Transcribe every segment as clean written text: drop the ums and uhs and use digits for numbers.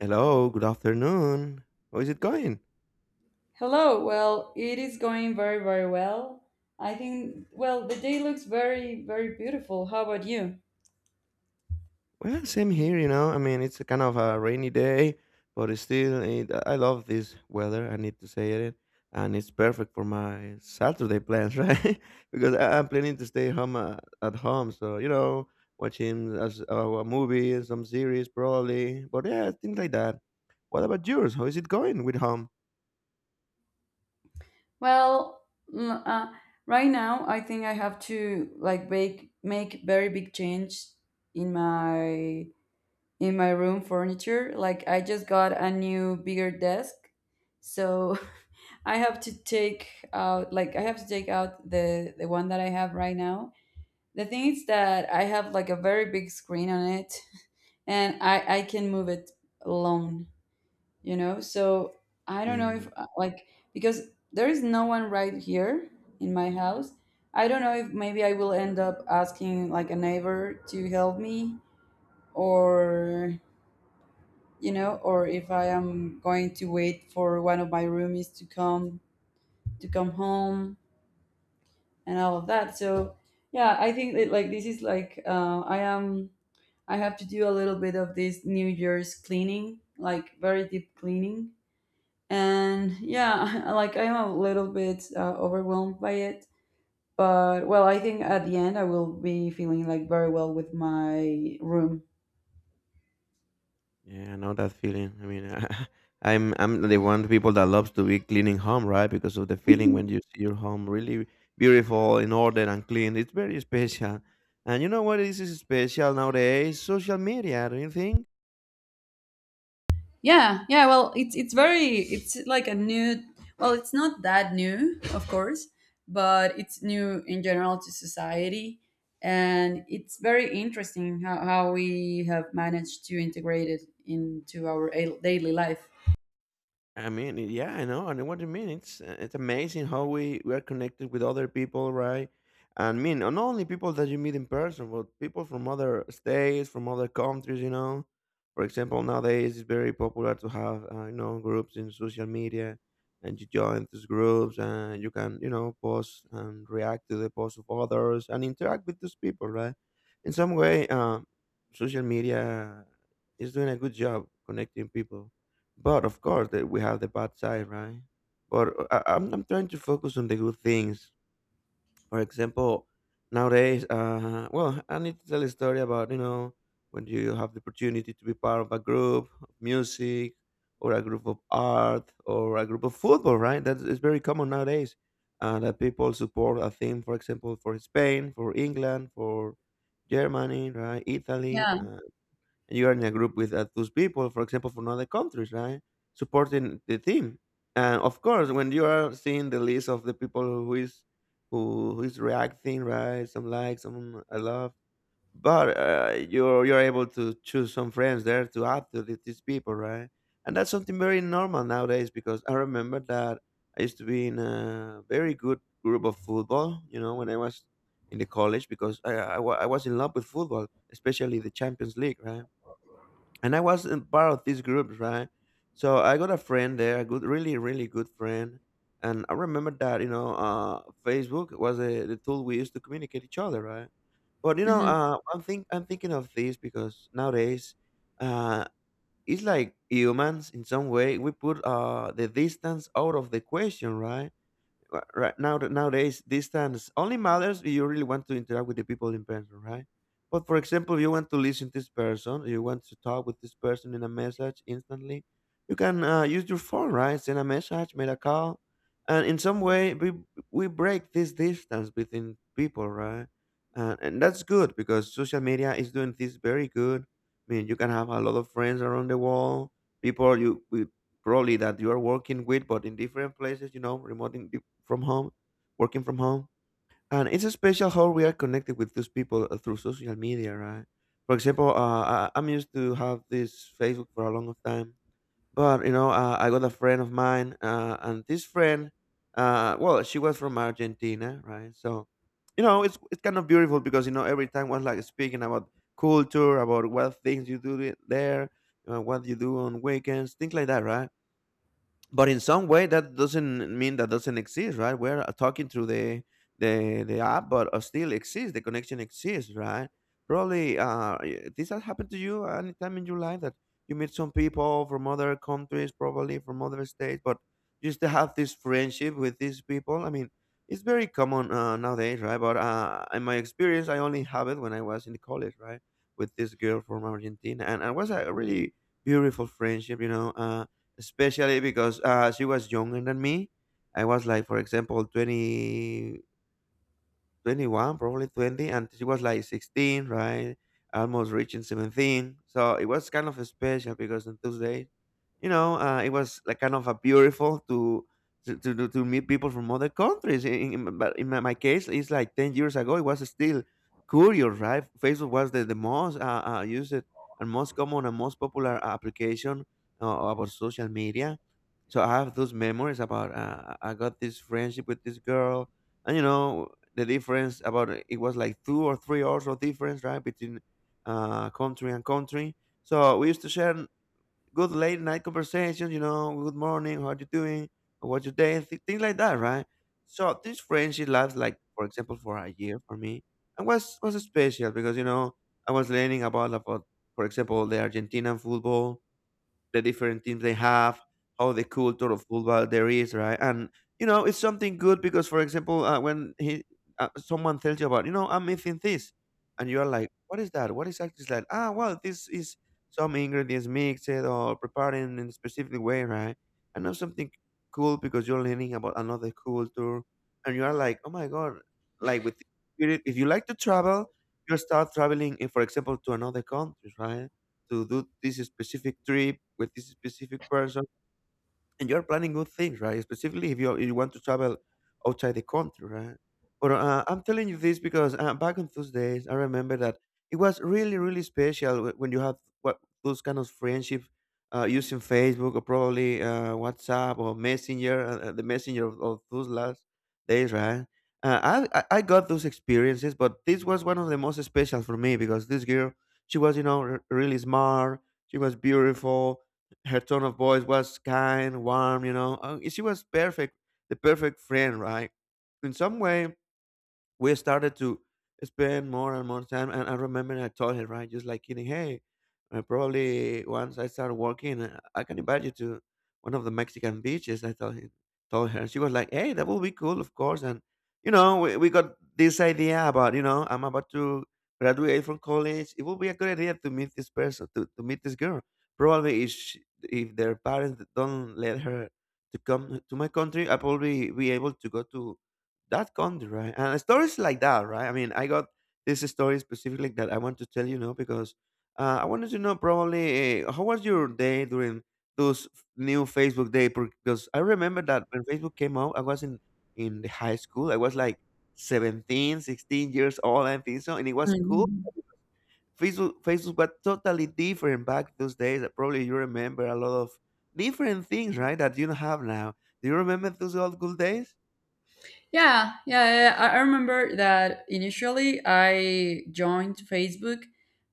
Hello, good afternoon. How is it going? Hello. Well, it is going very, very well. I think, well, the day looks very, very beautiful. How about you? Well, same here, you know. I mean, it's a kind of a rainy day, but it's still, I love this weather. I need to say it, and it's perfect for my Saturday plans, right? Because I'm planning to stay home at home, so you know, watching as a movie, some series, probably. But yeah, things like that. What about yours? How is it going with home? Well, mm, uh, right now, I think I have to like make very big change in my in my room furniture. Like I just got a new bigger desk, so I have to take out like I have to take out the one that I have right now. The thing is that I have like a very big screen on it, and I can move it alone, you know? So I don't know if, like, because there is no one right here in my house. I don't know if maybe I will end up asking like a neighbor to help me or, you know, or if I am going to wait for one of my roomies to come home and all of that. So yeah, I think that like this is like I am I have to do a little bit of this New Year's cleaning, like very deep cleaning. And yeah, like I'm a little bit overwhelmed by it. But well, I think at the end I will be feeling like very well with my room. Yeah, I know that feeling. I mean, I'm the one people that loves to be cleaning home, right? Because of the feeling when you see your home really beautiful, in order and clean. It's very special. And you know what is special nowadays? Social media, don't you think? Yeah, yeah. Well, it's very it's like a new. Well, it's not that new, of course, but it's new in general to society, and it's very interesting how we have managed to integrate it into our daily life. I mean, yeah, I know what you mean. It's amazing how we are connected with other people, right? And I mean, and not only people that you meet in person, but people from other states, from other countries. You know, for example, nowadays it's very popular to have you know groups in social media, and you join these groups, and you can you know post and react to the posts of others and interact with those people, right? In some way, social media is doing a good job connecting people. But of course, that we have the bad side, right? But I'm trying to focus on the good things. For example, nowadays, well, I need to tell a story about you know when you have the opportunity to be part of a group of music or a group of art or a group of football, right? That is very common nowadays. That people support a theme, for example, for Spain, for England, for Germany, right? Italy. Yeah. You are in a group with those people, for example, from other countries, right? Supporting the team, and of course, when you are seeing the list of the people who is reacting, right? Some like, some I love, but you're able to choose some friends there to add to these people, right? And that's something very normal nowadays because I remember that I used to be in a very good group of football, you know, when I was in the college because I was in love with football, especially the Champions League, right? And I wasn't part of these groups, right? So I got a friend there, a good, really, really good friend, and I remember that Facebook was the tool we used to communicate each other, right? But you know, I'm thinking of this because nowadays, uh, it's like humans in some way we put the distance out of the question, right? Uh, right now nowadays distance only matters if you really want to interact with the people in person, right? But for example, if you want to listen to this person, you want to talk with this person in a message instantly, you can use your phone, right? Send a message, make a call, and in some way we break this distance between people, right? And that's good because social media is doing this very good. I mean, you can have a lot of friends around the world, people you we probably that you are working with, but in different places, you know, remote in, from home, working from home. And it's special how we are connected with those people through social media, right? For example, I'm used to have this Facebook for a long time, but you know, I got a friend of mine, and this friend, well, she was from Argentina, right? So, you know, it's kind of beautiful because you know every time was like speaking about culture, about what things you do there, what you do on weekends, things like that, right? But in some way that doesn't mean that doesn't exist, right? We're talking through the app, but still exists, the connection exists, right? Probably this has happened to you anytime in your life that you meet some people from other countries, probably from other states, but you still have this friendship with these people. I mean, it's very common nowadays, right? But uh, in my experience, I only have it when I was in the college, right? With this girl from Argentina, and it was a really beautiful friendship, you know. Especially because she was younger than me. I was like, for example, 20, 21, probably 20, and she was like 16, right? Almost reaching 17. So it was kind of special because on Tuesday, you know, it was like kind of a beautiful to meet people from other countries. But in my case, it's like 10 years ago, it was still Courier, right? Facebook was the most used and most common and most popular application about social media. So I have those memories about I got this friendship with this girl, and you know the difference about it was like 2 or 3 hours of difference, right? Between country and country, so we used to share good late night conversations, you know, good morning, how are you doing, what's your day, things like that, right? So this friendship lasts like, for example, for a year for me, and was special because you know I was learning about for example the Argentinian football, the different teams they have, how the culture of football there is, right? And you know, it's something good because, for example, when he someone tells you about, you know, I'm missing this, and you are like, what is that? What exactly is that? Ah, well, this is some ingredients mixed or prepared in a specific way, right? And that's something cool because you're learning about another culture, and you are like, oh my god, like with spirit. If you like to travel, you start traveling, eh, for example, to another country, right? To do this specific trip with this specific person, and you're planning good things, right? Specifically, if you want to travel outside the country, right? But I'm telling you this because back on those days, I remember that it was really, really special when you have what those kind of friendships using Facebook or probably WhatsApp or Messenger, the Messenger of those last days, right? I got those experiences, but this was one of the most special for me because this girl, she was you know really smart, she was beautiful, her tone of voice was kind, warm, you know. She was perfect, the perfect friend, right? In some way, we started to spend more and more time. And I remember I told her, right, just like kidding, hey, probably once I start working, I can invite you to one of the Mexican beaches. I told him, told her, and she was like, hey, that will be cool, of course. And you know, we got this idea about, you know, I'm about to graduate from college. It would be a good idea to meet this person, to meet this girl. Probably if, she, if their parents don't let her to come to my country, I probably be able to go to that country, right? And stories like that, right? I mean, I got this story specifically that I want to tell you now because I wanted to know probably how was your day during those new Facebook day because I remember that when Facebook came out, I was in the high school. I was like 17, 16 years old, I think so, and it was cool. Hmm. Facebook was totally different back those days. Probably you remember a lot of different things, right? That you don't have now. Do you remember those old good days? Yeah, yeah, yeah, yeah. I remember that initially I joined Facebook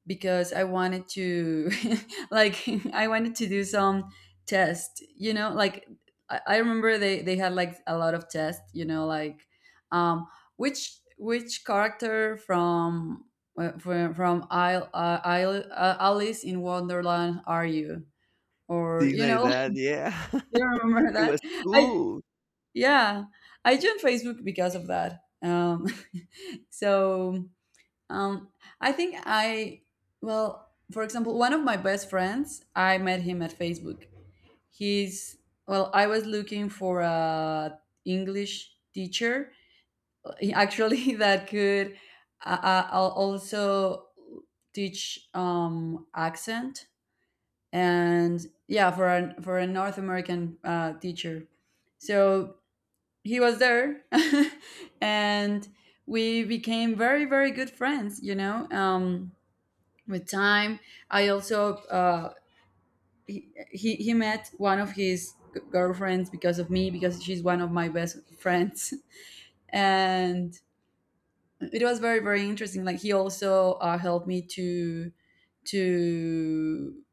because I wanted to, like, I wanted to do some test, you know, like, I remember they had like a lot of tests, you know, like, um, which character from, from Alice in Wonderland are you? Or, Things you like know, that, yeah. you remember It that? was I, cool. yeah, I joined Facebook because of that. So um, I think I, well, for example, one of my best friends, I met him at Facebook. He's, well, I was looking for a English teacher, actually, that could also teach accent, and yeah, for a North American teacher. So he was there, and we became very, very good friends, you know, with time. I also he met one of his girlfriends because of me, because she's one of my best friends. And it was very, very interesting. Like he also helped me to,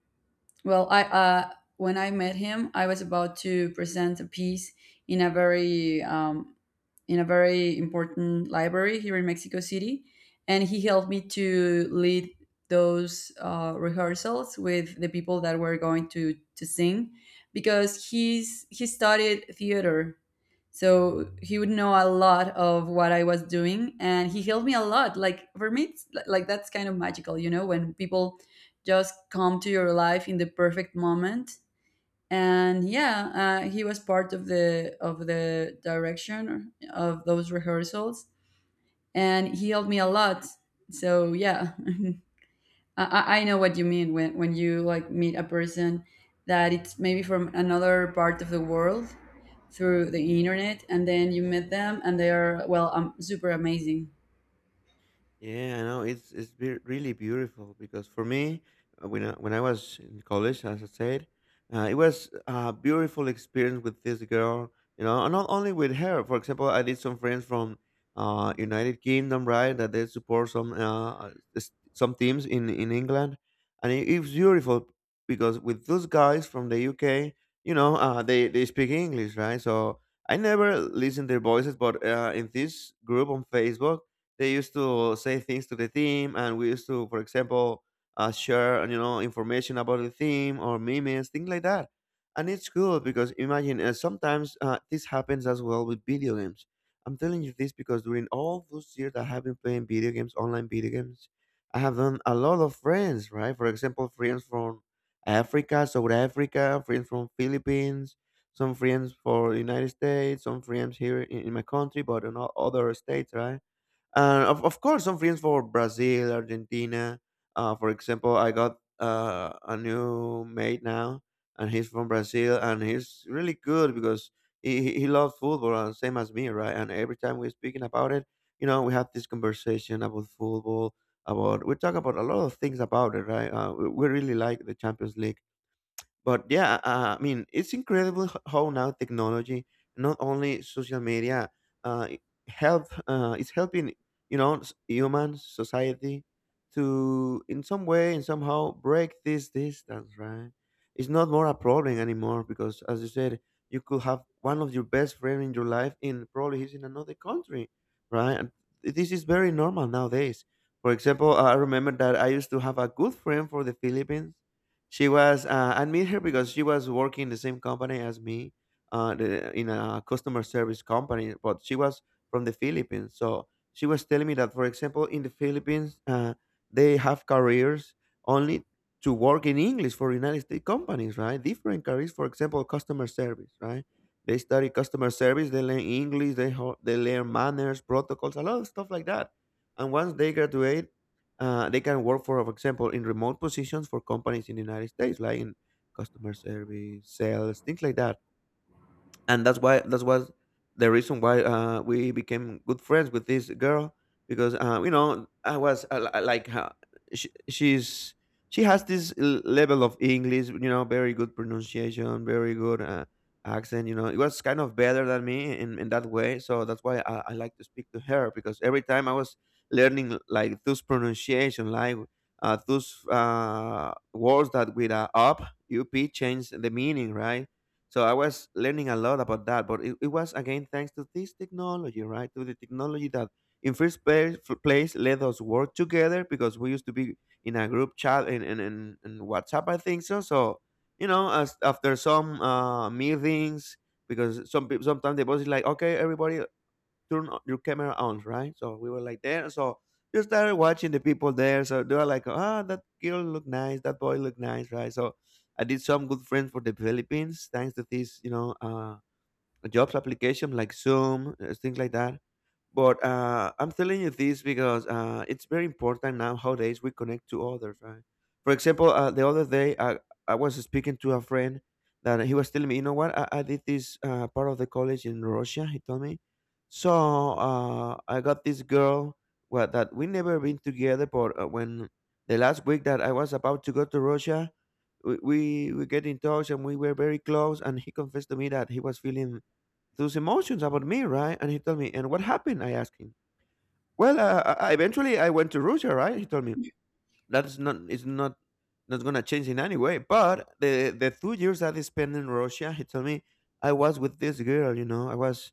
well, I when I met him, I was about to present a piece in a very um, in a very important library here in Mexico City, and he helped me to lead those rehearsals with the people that were going to sing, because he studied theater, so he would know a lot of what I was doing, and he helped me a lot. Like for me, it's, like that's kind of magical, you know, when people just come to your life in the perfect moment. And yeah, he was part of the direction of those rehearsals, and he helped me a lot. So yeah, I know what you mean when you like meet a person that it's maybe from another part of the world through the internet, and then you meet them and they are, well, super amazing. Yeah, I know it's really beautiful because for me, when I was in college, as I said, it was a beautiful experience with this girl. You know, and not only with her. For example, I did some friends from United Kingdom, right? That they support some some teams in England, and it's beautiful because with those guys from the UK, you know, they speak English, right? So I never listen their voices, but in this group on Facebook they used to say things to the team, and we used to, for example, share information about the team or memes, things like that. And it's cool because imagine sometimes this happens as well with video games. I'm telling you this because during all those years that I have been playing video games, online video games, I have done a lot of friends, right? For example, friends from Africa, South Africa, friends from Philippines, some friends for United States, some friends here in my country, but in other states, right? Of course, some films for Brazil, Argentina. For example, I got a new mate now, and he's from Brazil, and he's really good because he loves football, and same as me, right? And every time we're speaking about it, we have this conversation about football, about we talk about a lot of things about it, right? We really like the Champions League, but yeah, I mean, it's incredible how now technology, not only social media, it help is helping human society to in some way and somehow break this distance. Right? It's not more a problem anymore because, as you said, you could have one of your best friend in your life in probably he's in another country, right? And this is very normal nowadays. For example, I remember that I used to have a good friend for the Philippines she was I meet her because she was working in the same company as me, in a customer service company. But she was from the Philippines, so she was telling me that, for example, in the Philippines, they have careers only to work in English for United States companies, right? Different careers, for example, customer service, right? They study customer service, they learn English, they they learn manners, protocols, a lot of stuff like that. And once they graduate, they can work, for example, in remote positions for companies in the United States, like in customer service, sales, things like that and that's why that's was the reason why we became good friends with this girl because you know I was like she's she has this level of English, you know, very good pronunciation, very good accent. You know, it was kind of better than me in that way, so that's why I like to speak to her because every time I was learning like those pronunciation, like those words that with up change the meaning, right? So I was learning a lot about that, but it was again thanks to this technology, right? To the technology that in first place, place let us work together because we used to be in a group chat in WhatsApp, I think so. So, you know, as after some meetings, because some people sometimes the boss is like, okay, everybody, your camera on, right? So we were like there. So you started watching the people there. So they were like, ah, that girl look nice, that boy look nice, right? So I did some good friends for the Philippines thanks to these, jobs application like Zoom, things like that. But I'm telling you this because it's very important now nowadays we connect to others, right? For example, the other day I was speaking to a friend that he was telling me, you know what, I did this part of the college in Russia, he told me. So I got this girl well, that we never been together, but when the last week that I was about to go to Russia, we get in touch and we were very close and he confessed to me that he was feeling those emotions about me, right? And he told me, and what happened? I asked him. Well, eventually I went to Russia, right? He told me that's not it's not not gonna change in any way. But the 2 years that I spent in Russia, he told me I was with this girl, you know, I was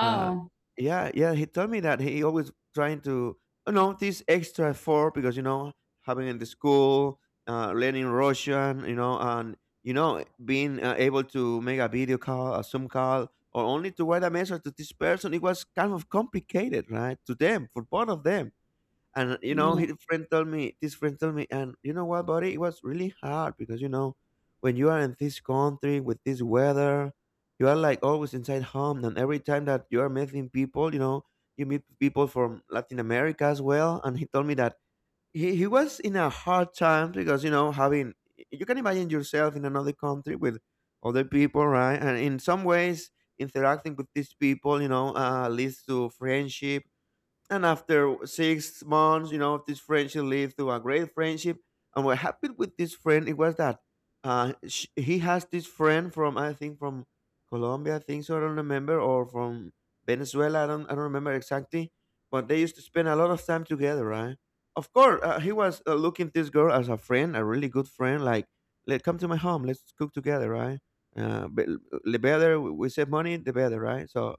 uh, yeah, yeah, he told me that he always trying to, you know, this extra effort because you know having in the school, learning Russian, you know, and you know being able to make a video call, a Zoom call, or only to write a message to this person, it was kind of complicated, right? To them, for both of them. And you know, Yes. his friend told me, this friend told me, and you know what, buddy? It was really hard because you know, when you are in this country with this weather, you are like always inside home, and every time that you are meeting people, you know, you meet people from Latin America as well. And he told me that he was in a hard time because you know, having you can imagine yourself in another country with other people, right? And in some ways, interacting with these people, you know, leads to friendship and after 6 months, you know, this friendship lead to a great friendship. And what happened with this friend, it was that he has this friend from, I think, from Colombia, I think so, I don't remember, or from Venezuela, I don't remember exactly. But they used to spend a lot of time together, right? Of course, he was looking this girl as a friend, a really good friend, like, let come to my home, let's cook together, right? But the better we save money, the better, right? So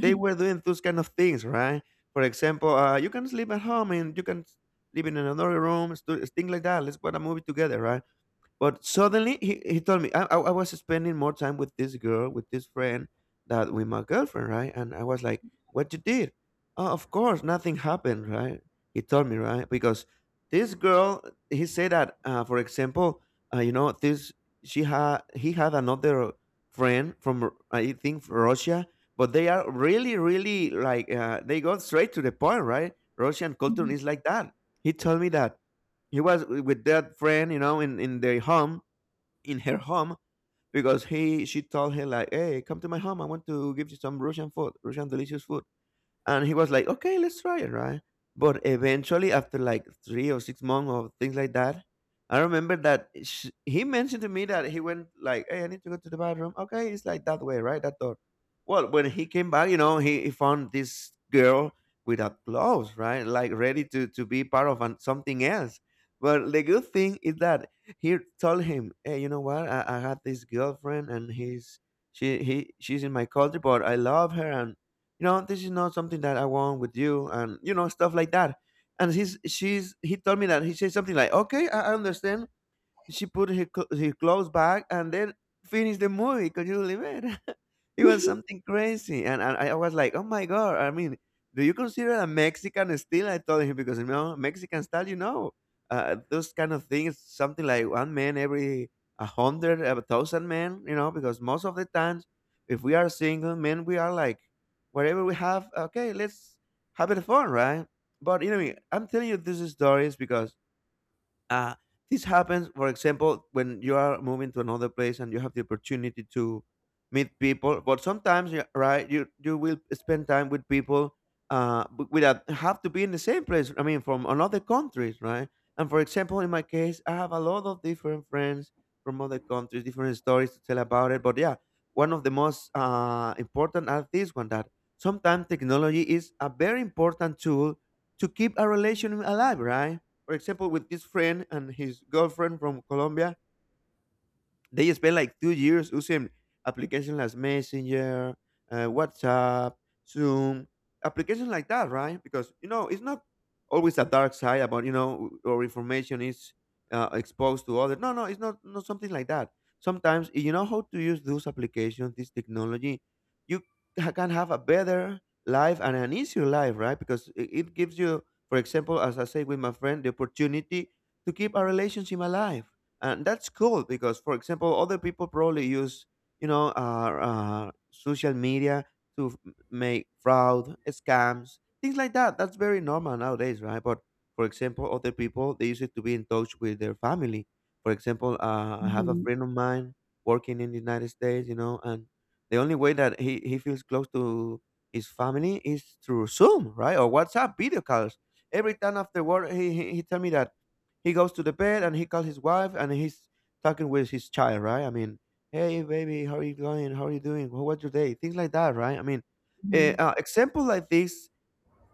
they were doing those kind of things, right? For example, you can sleep at home and you can live in another room, things like that. Let's watch a movie together, right? But suddenly he told me I was spending more time with this girl, with this friend, that with my girlfriend, right? And I was like, "What you did? Oh, of course, nothing happened, right?" He told me, right? Because this girl, he said that, for example, you know, this she had he had another friend from I think from Russia, but they are really, really like they go straight to the point, right? Russian culture is like that. He told me that he was with that friend, you know, in their home, in her home, because he she told her like, "Hey, come to my home. I want to give you some Russian food, Russian delicious food." And he was like, okay, let's try it, right? But eventually, after like 3 or 6 months or things like that, I remember that sh he mentioned to me that he went like, hey, I need to go to the bathroom. Okay, it's like that way, right? That door. Well, when he came back, you know, he found this girl without clothes, right? Like ready to be part of an, something else. But the good thing is that he told him, hey, you know what? I had this girlfriend and he's she he she's in my country, but I love her and you know this is not something that I want with you and you know stuff like that and he's she's he told me that he said something like okay I understand she put her, her clothes back and then finished the movie. Could you believe it? It was something crazy. And I was like, oh my God. I mean, do you consider a Mexican still? I told him because, you know, Mexican style, you know, those kind of things, something like one man every a hundred, a thousand men, you know, because most of the times, if we are single men, we are like, whatever we have, okay, let's have it fun, right? But, you know, I'm telling you these stories because uh, this happens, for example, when you are moving to another place and you have the opportunity to meet people. But sometimes, yeah, right, you will spend time with people without have to be in the same place. I mean, from another countries, right? And for example, in my case, I have a lot of different friends from other countries, different stories to tell about it. But yeah, one of the most important are this one that sometimes technology is a very important tool to keep a relation alive, right? For example, with this friend and his girlfriend from Colombia, they spent like 2 years using applications like Messenger, WhatsApp, Zoom, applications like that, right? Because you know it's not always a dark side about you know or information is exposed to others. No, no, it's not not something like that. Sometimes if you know how to use those applications, this technology, you can have a better life and an easier life, right? Because it gives you, for example, as I say with my friend, the opportunity to keep a relationship alive and that's cool because for example other people probably use you know uh, social media to make fraud scams things like that that's very normal nowadays right but for example other people they use it to be in touch with their family for example I have a Mhm. friend of mine working in the united states you know and the only way that he feels close to his family is through zoom right or whatsapp video calls every time after work he tell me that he goes to the bed and he calls his wife and he's talking with his child, right? I mean, hey baby, how are you going? How are you doing? How was your day? Things like that, right? I mean, Mhm. Example like this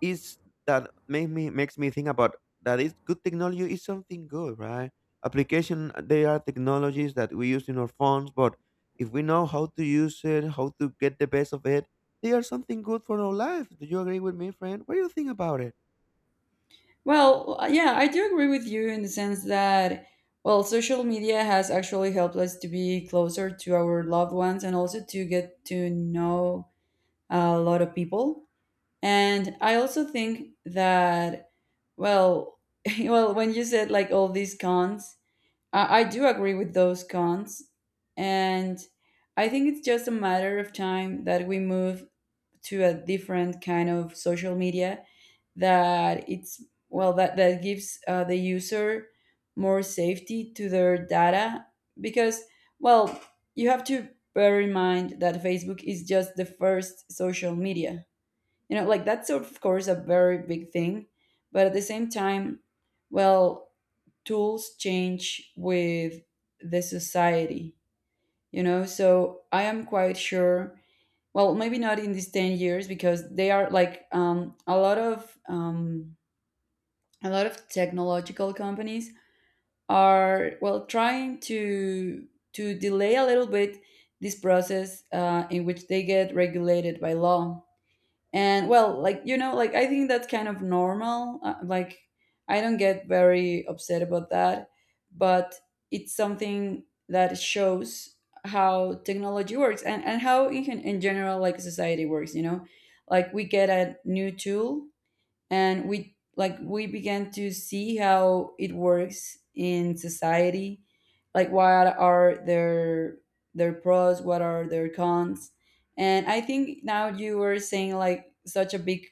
is that makes me think about that is good technology is something good, right? Application they are technologies that we use in our phones, but if we know how to use it, how to get the best of it, they are something good for our life. Do you agree with me, friend? What do you think about it? Well, yeah, I do agree with you in the sense that, well, social media has actually helped us to be closer to our loved ones and also to get to know a lot of people. And I also think that, well, well, when you said like all these cons, I do agree with those cons. And I think it's just a matter of time that we move to a different kind of social media that it's, well, that that gives the user more safety to their data, because, well, you have to bear in mind that Facebook is just the first social media. You know, like that's of course a very big thing, but at the same time, well, tools change with the society, you know. So I am quite sure, well, maybe not in these 10 years, because they are like a lot of technological companies are, well, trying to delay a little bit this process in which they get regulated by law. And well, like, you know, like I think that's kind of normal, like I don't get very upset about that, but it's something that shows how technology works, and how in, in general like society works, you know, like we get a new tool and we like we began to see how it works in society, like what are their pros, what are their cons. And I think now you were saying like such a big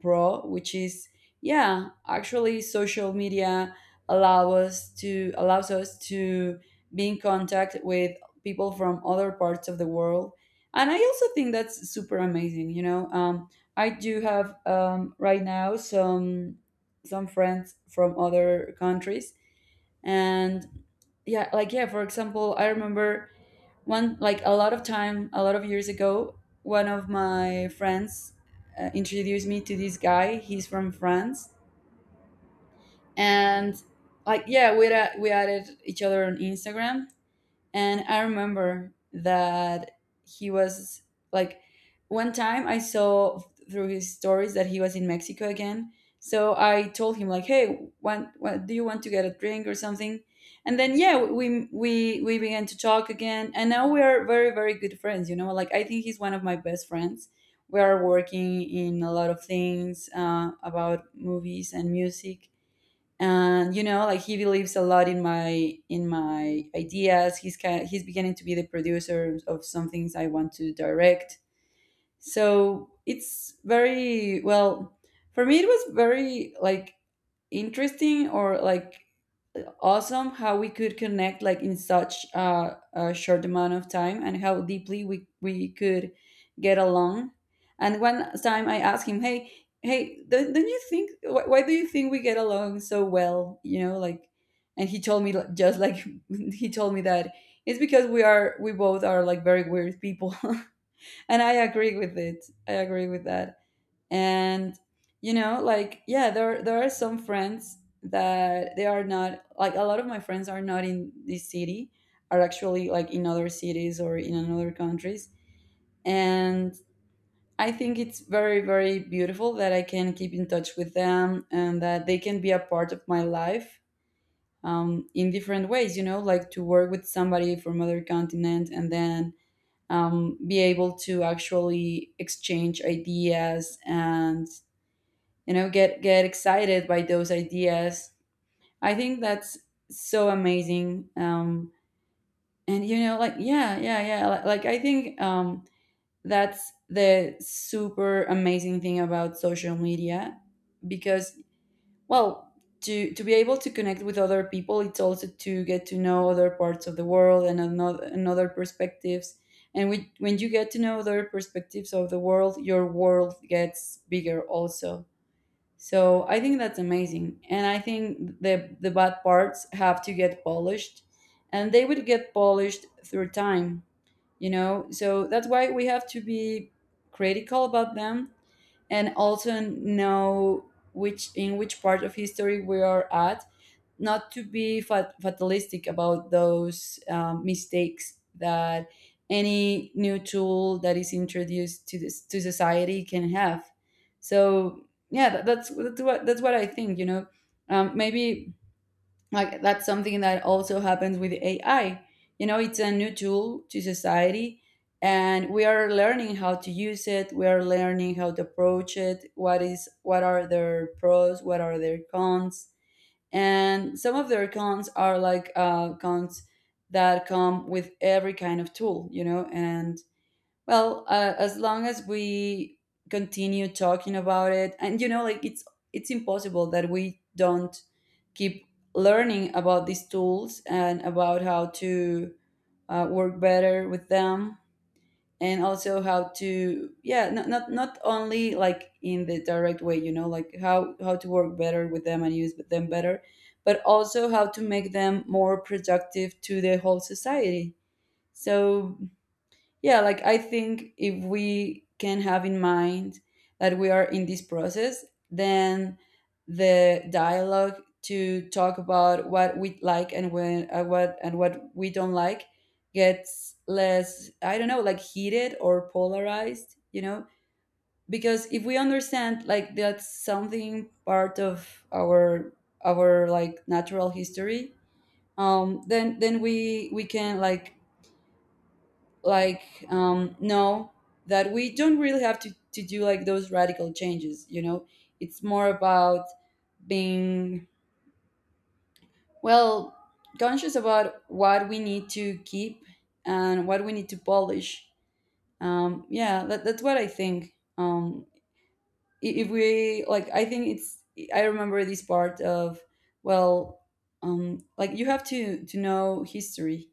bro, which is, yeah, actually social media allows us to be in contact with people from other parts of the world, and I also think that's super amazing, you know. I do have right now some friends from other countries. And yeah, like yeah, for example, I remember one, like a lot of time, a lot of years ago, one of my friends introduced me to this guy. He's from France. And like, yeah, we added each other on Instagram, and I remember that he was like, one time I saw through his stories that he was in Mexico again. So I told him like, "Hey, want, what, do you want to get a drink or something?" And then yeah, we began to talk again, and now we are very, very good friends. You know, like I think he's one of my best friends. We are working in a lot of things about movies and music, and you know like he believes a lot in my ideas. He's beginning to be the producer of some things I want to direct. So it's very, well, for me it was very like interesting, or like awesome, how we could connect like in such a short amount of time, and how deeply we could get along. And one time I asked him, hey, hey, don't you think, why do you think we get along so well, you know, like. And he told me like— just like he told me that it's because we are we both are like very weird people. And I agree with it, I agree with that. And you know, like, yeah, there are some friends that they are not, like a lot of my friends are not in this city, are actually like in other cities or in another countries. And I think it's very, very beautiful that I can keep in touch with them and that they can be a part of my life in different ways, you know, like to work with somebody from other continent, and then be able to actually exchange ideas, and you know, get excited by those ideas. I think that's so amazing. And you know, like, yeah, yeah, yeah, like I think that's the super amazing thing about social media, because, well, to be able to connect with other people, it's also to get to know other parts of the world and another and other perspectives. And when you get to know other perspectives of the world, your world gets bigger also. So I think that's amazing, and I think the bad parts have to get polished, and they would get polished through time, you know. So that's why we have to be critical about them, and also know which in which part of history we are at, not to be fatalistic about those mistakes that any new tool that is introduced to this to society can have. So yeah, that, that's what I think. You know, maybe like that's something that also happens with AI. You know, it's a new tool to society, and we are learning how to use it. We are learning how to approach it. What is, what are their pros? What are their cons? And some of their cons are like cons that come with every kind of tool, you know. And as long as we continue talking about it, and you know, like it's impossible that we don't keep learning about these tools and about how to work better with them, and also how to, yeah, not only like in the direct way, you know, like how to work better with them and use them better, but also how to make them more productive to the whole society. So yeah, like I think if we can have in mind that we are in this process, then the dialogue to talk about what we like and when what and what we don't like gets less, I don't know, like heated or polarized, you know? Because if we understand, like that's something part of our like natural history, then we can, like know that we don't really have to do like those radical changes, you know. It's more about being, well, conscious about what we need to keep and what we need to polish. Yeah, that's what I think. If we, like, I think it's, I remember this part of, well, like you have to know history.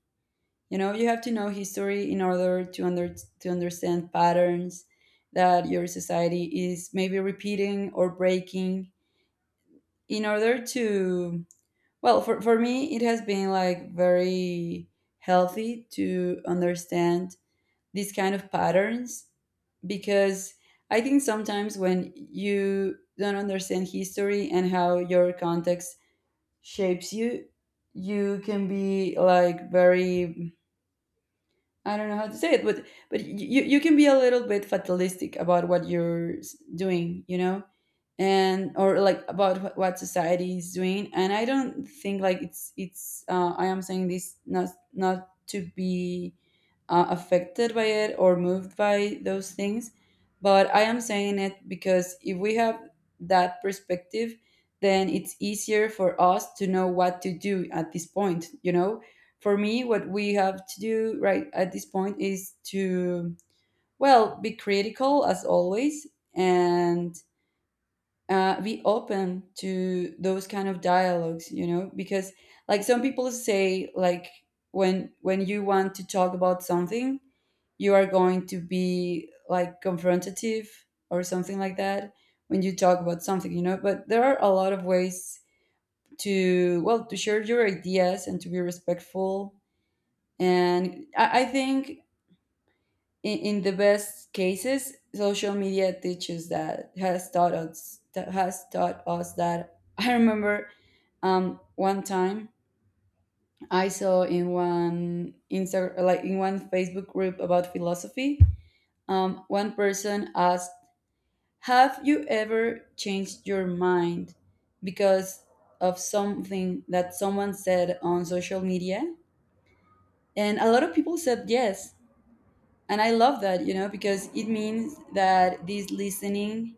You know, you have to know history in order to under, to understand patterns that your society is maybe repeating or breaking. In order to, well, for me, it has been like very healthy to understand these kind of patterns, because I think sometimes when you don't understand history and how your context shapes you, you can be like very, I don't know how to say it, but you can be a little bit fatalistic about what doing, you know. And or like about what society is doing. And I don't think like it's I am saying this not to be affected by it or moved by those things, but I am saying it because if we have that perspective, then it's easier for us to know what to do at this point, you know. For me, what we have to do right at this point is to, well, be critical as always, and be open to those kind of dialogues, you know, because like some people say, like when you want to talk about something, you are going to be like confrontative or something like that when you talk about something, you know. But there are a lot of ways to, well, to share your ideas and to be respectful. And I think in the best cases, social media teaches, that has taught us, that has taught us that. I remember one time I saw in one Insta, like in one Facebook group about philosophy, one person asked, "Have you ever changed your mind because of something that someone said on social media?" And a lot of people said yes, and I love that, you know, because it means that this listening,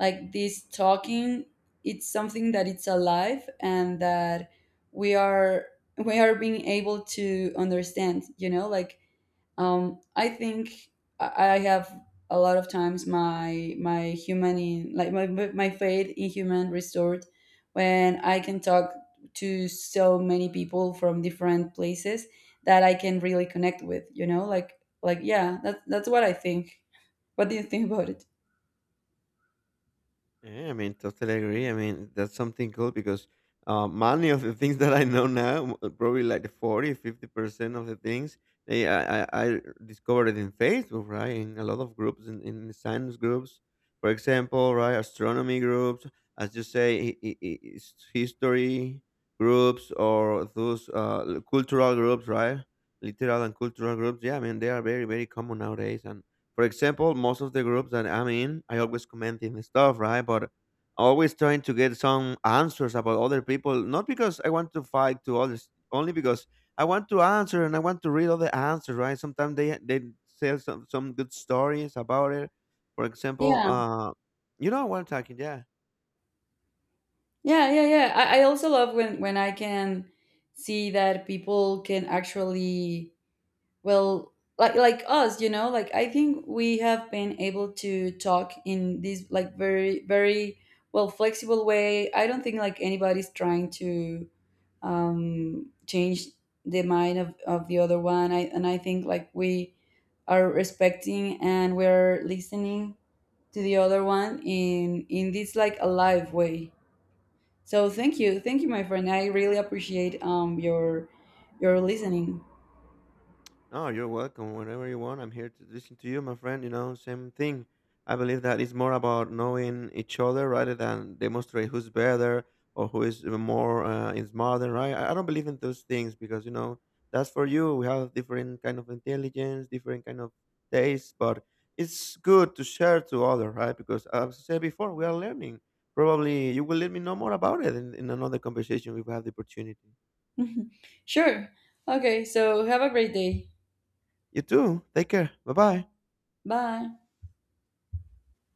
like this talking, it's something that it's alive and that we are, we are being able to understand, you know, like I think I have a lot of times my my human in, like my faith in human restored when I can talk to so many people from different places that I can really connect with. You know, like yeah, that's what I think. What do you think about it? Yeah, I mean, totally agree. I mean, that's something cool because many of the things that I know now, probably like the 40, 50% of the things, I discovered it in Facebook, right? In a lot of groups, in science groups, for example, right? Astronomy groups, as you say, history groups or those cultural groups, right? Literal and cultural groups. Yeah, I mean, they are very, very common nowadays. And for example, most of the groups that I'm in, I always commenting stuff, right? But always trying to get some answers about other people, not because I want to fight to others, only because I want to answer and I want to read all the answers, right? Sometimes they tell some good stories about it. For example, Yeah, you know what I'm talking, yeah. yeah, yeah, yeah. I also love when I can see that people can actually, well, like us, you know, like I think we have been able to talk in this like very well flexible way. I don't think like anybody's trying to change the mind of the other one. And I think like we are respecting and we're listening to the other one in this like alive way. So thank you, my friend. I really appreciate your listening. No, you're welcome whenever you want. I'm here to listen to you, my friend. You know, same thing. I believe that it's more about knowing each other rather than demonstrate who's better or who is even more is smarter, right? I don't believe in those things because you know that's for you. We have different kind of intelligence, different kind of taste, but it's good to share to other, right? Because as I said before, we are learning. Probably you will let me know more about it in another conversation if we have the opportunity. Sure. Okay, so have a great day. You too. Take care. Bye bye. Bye.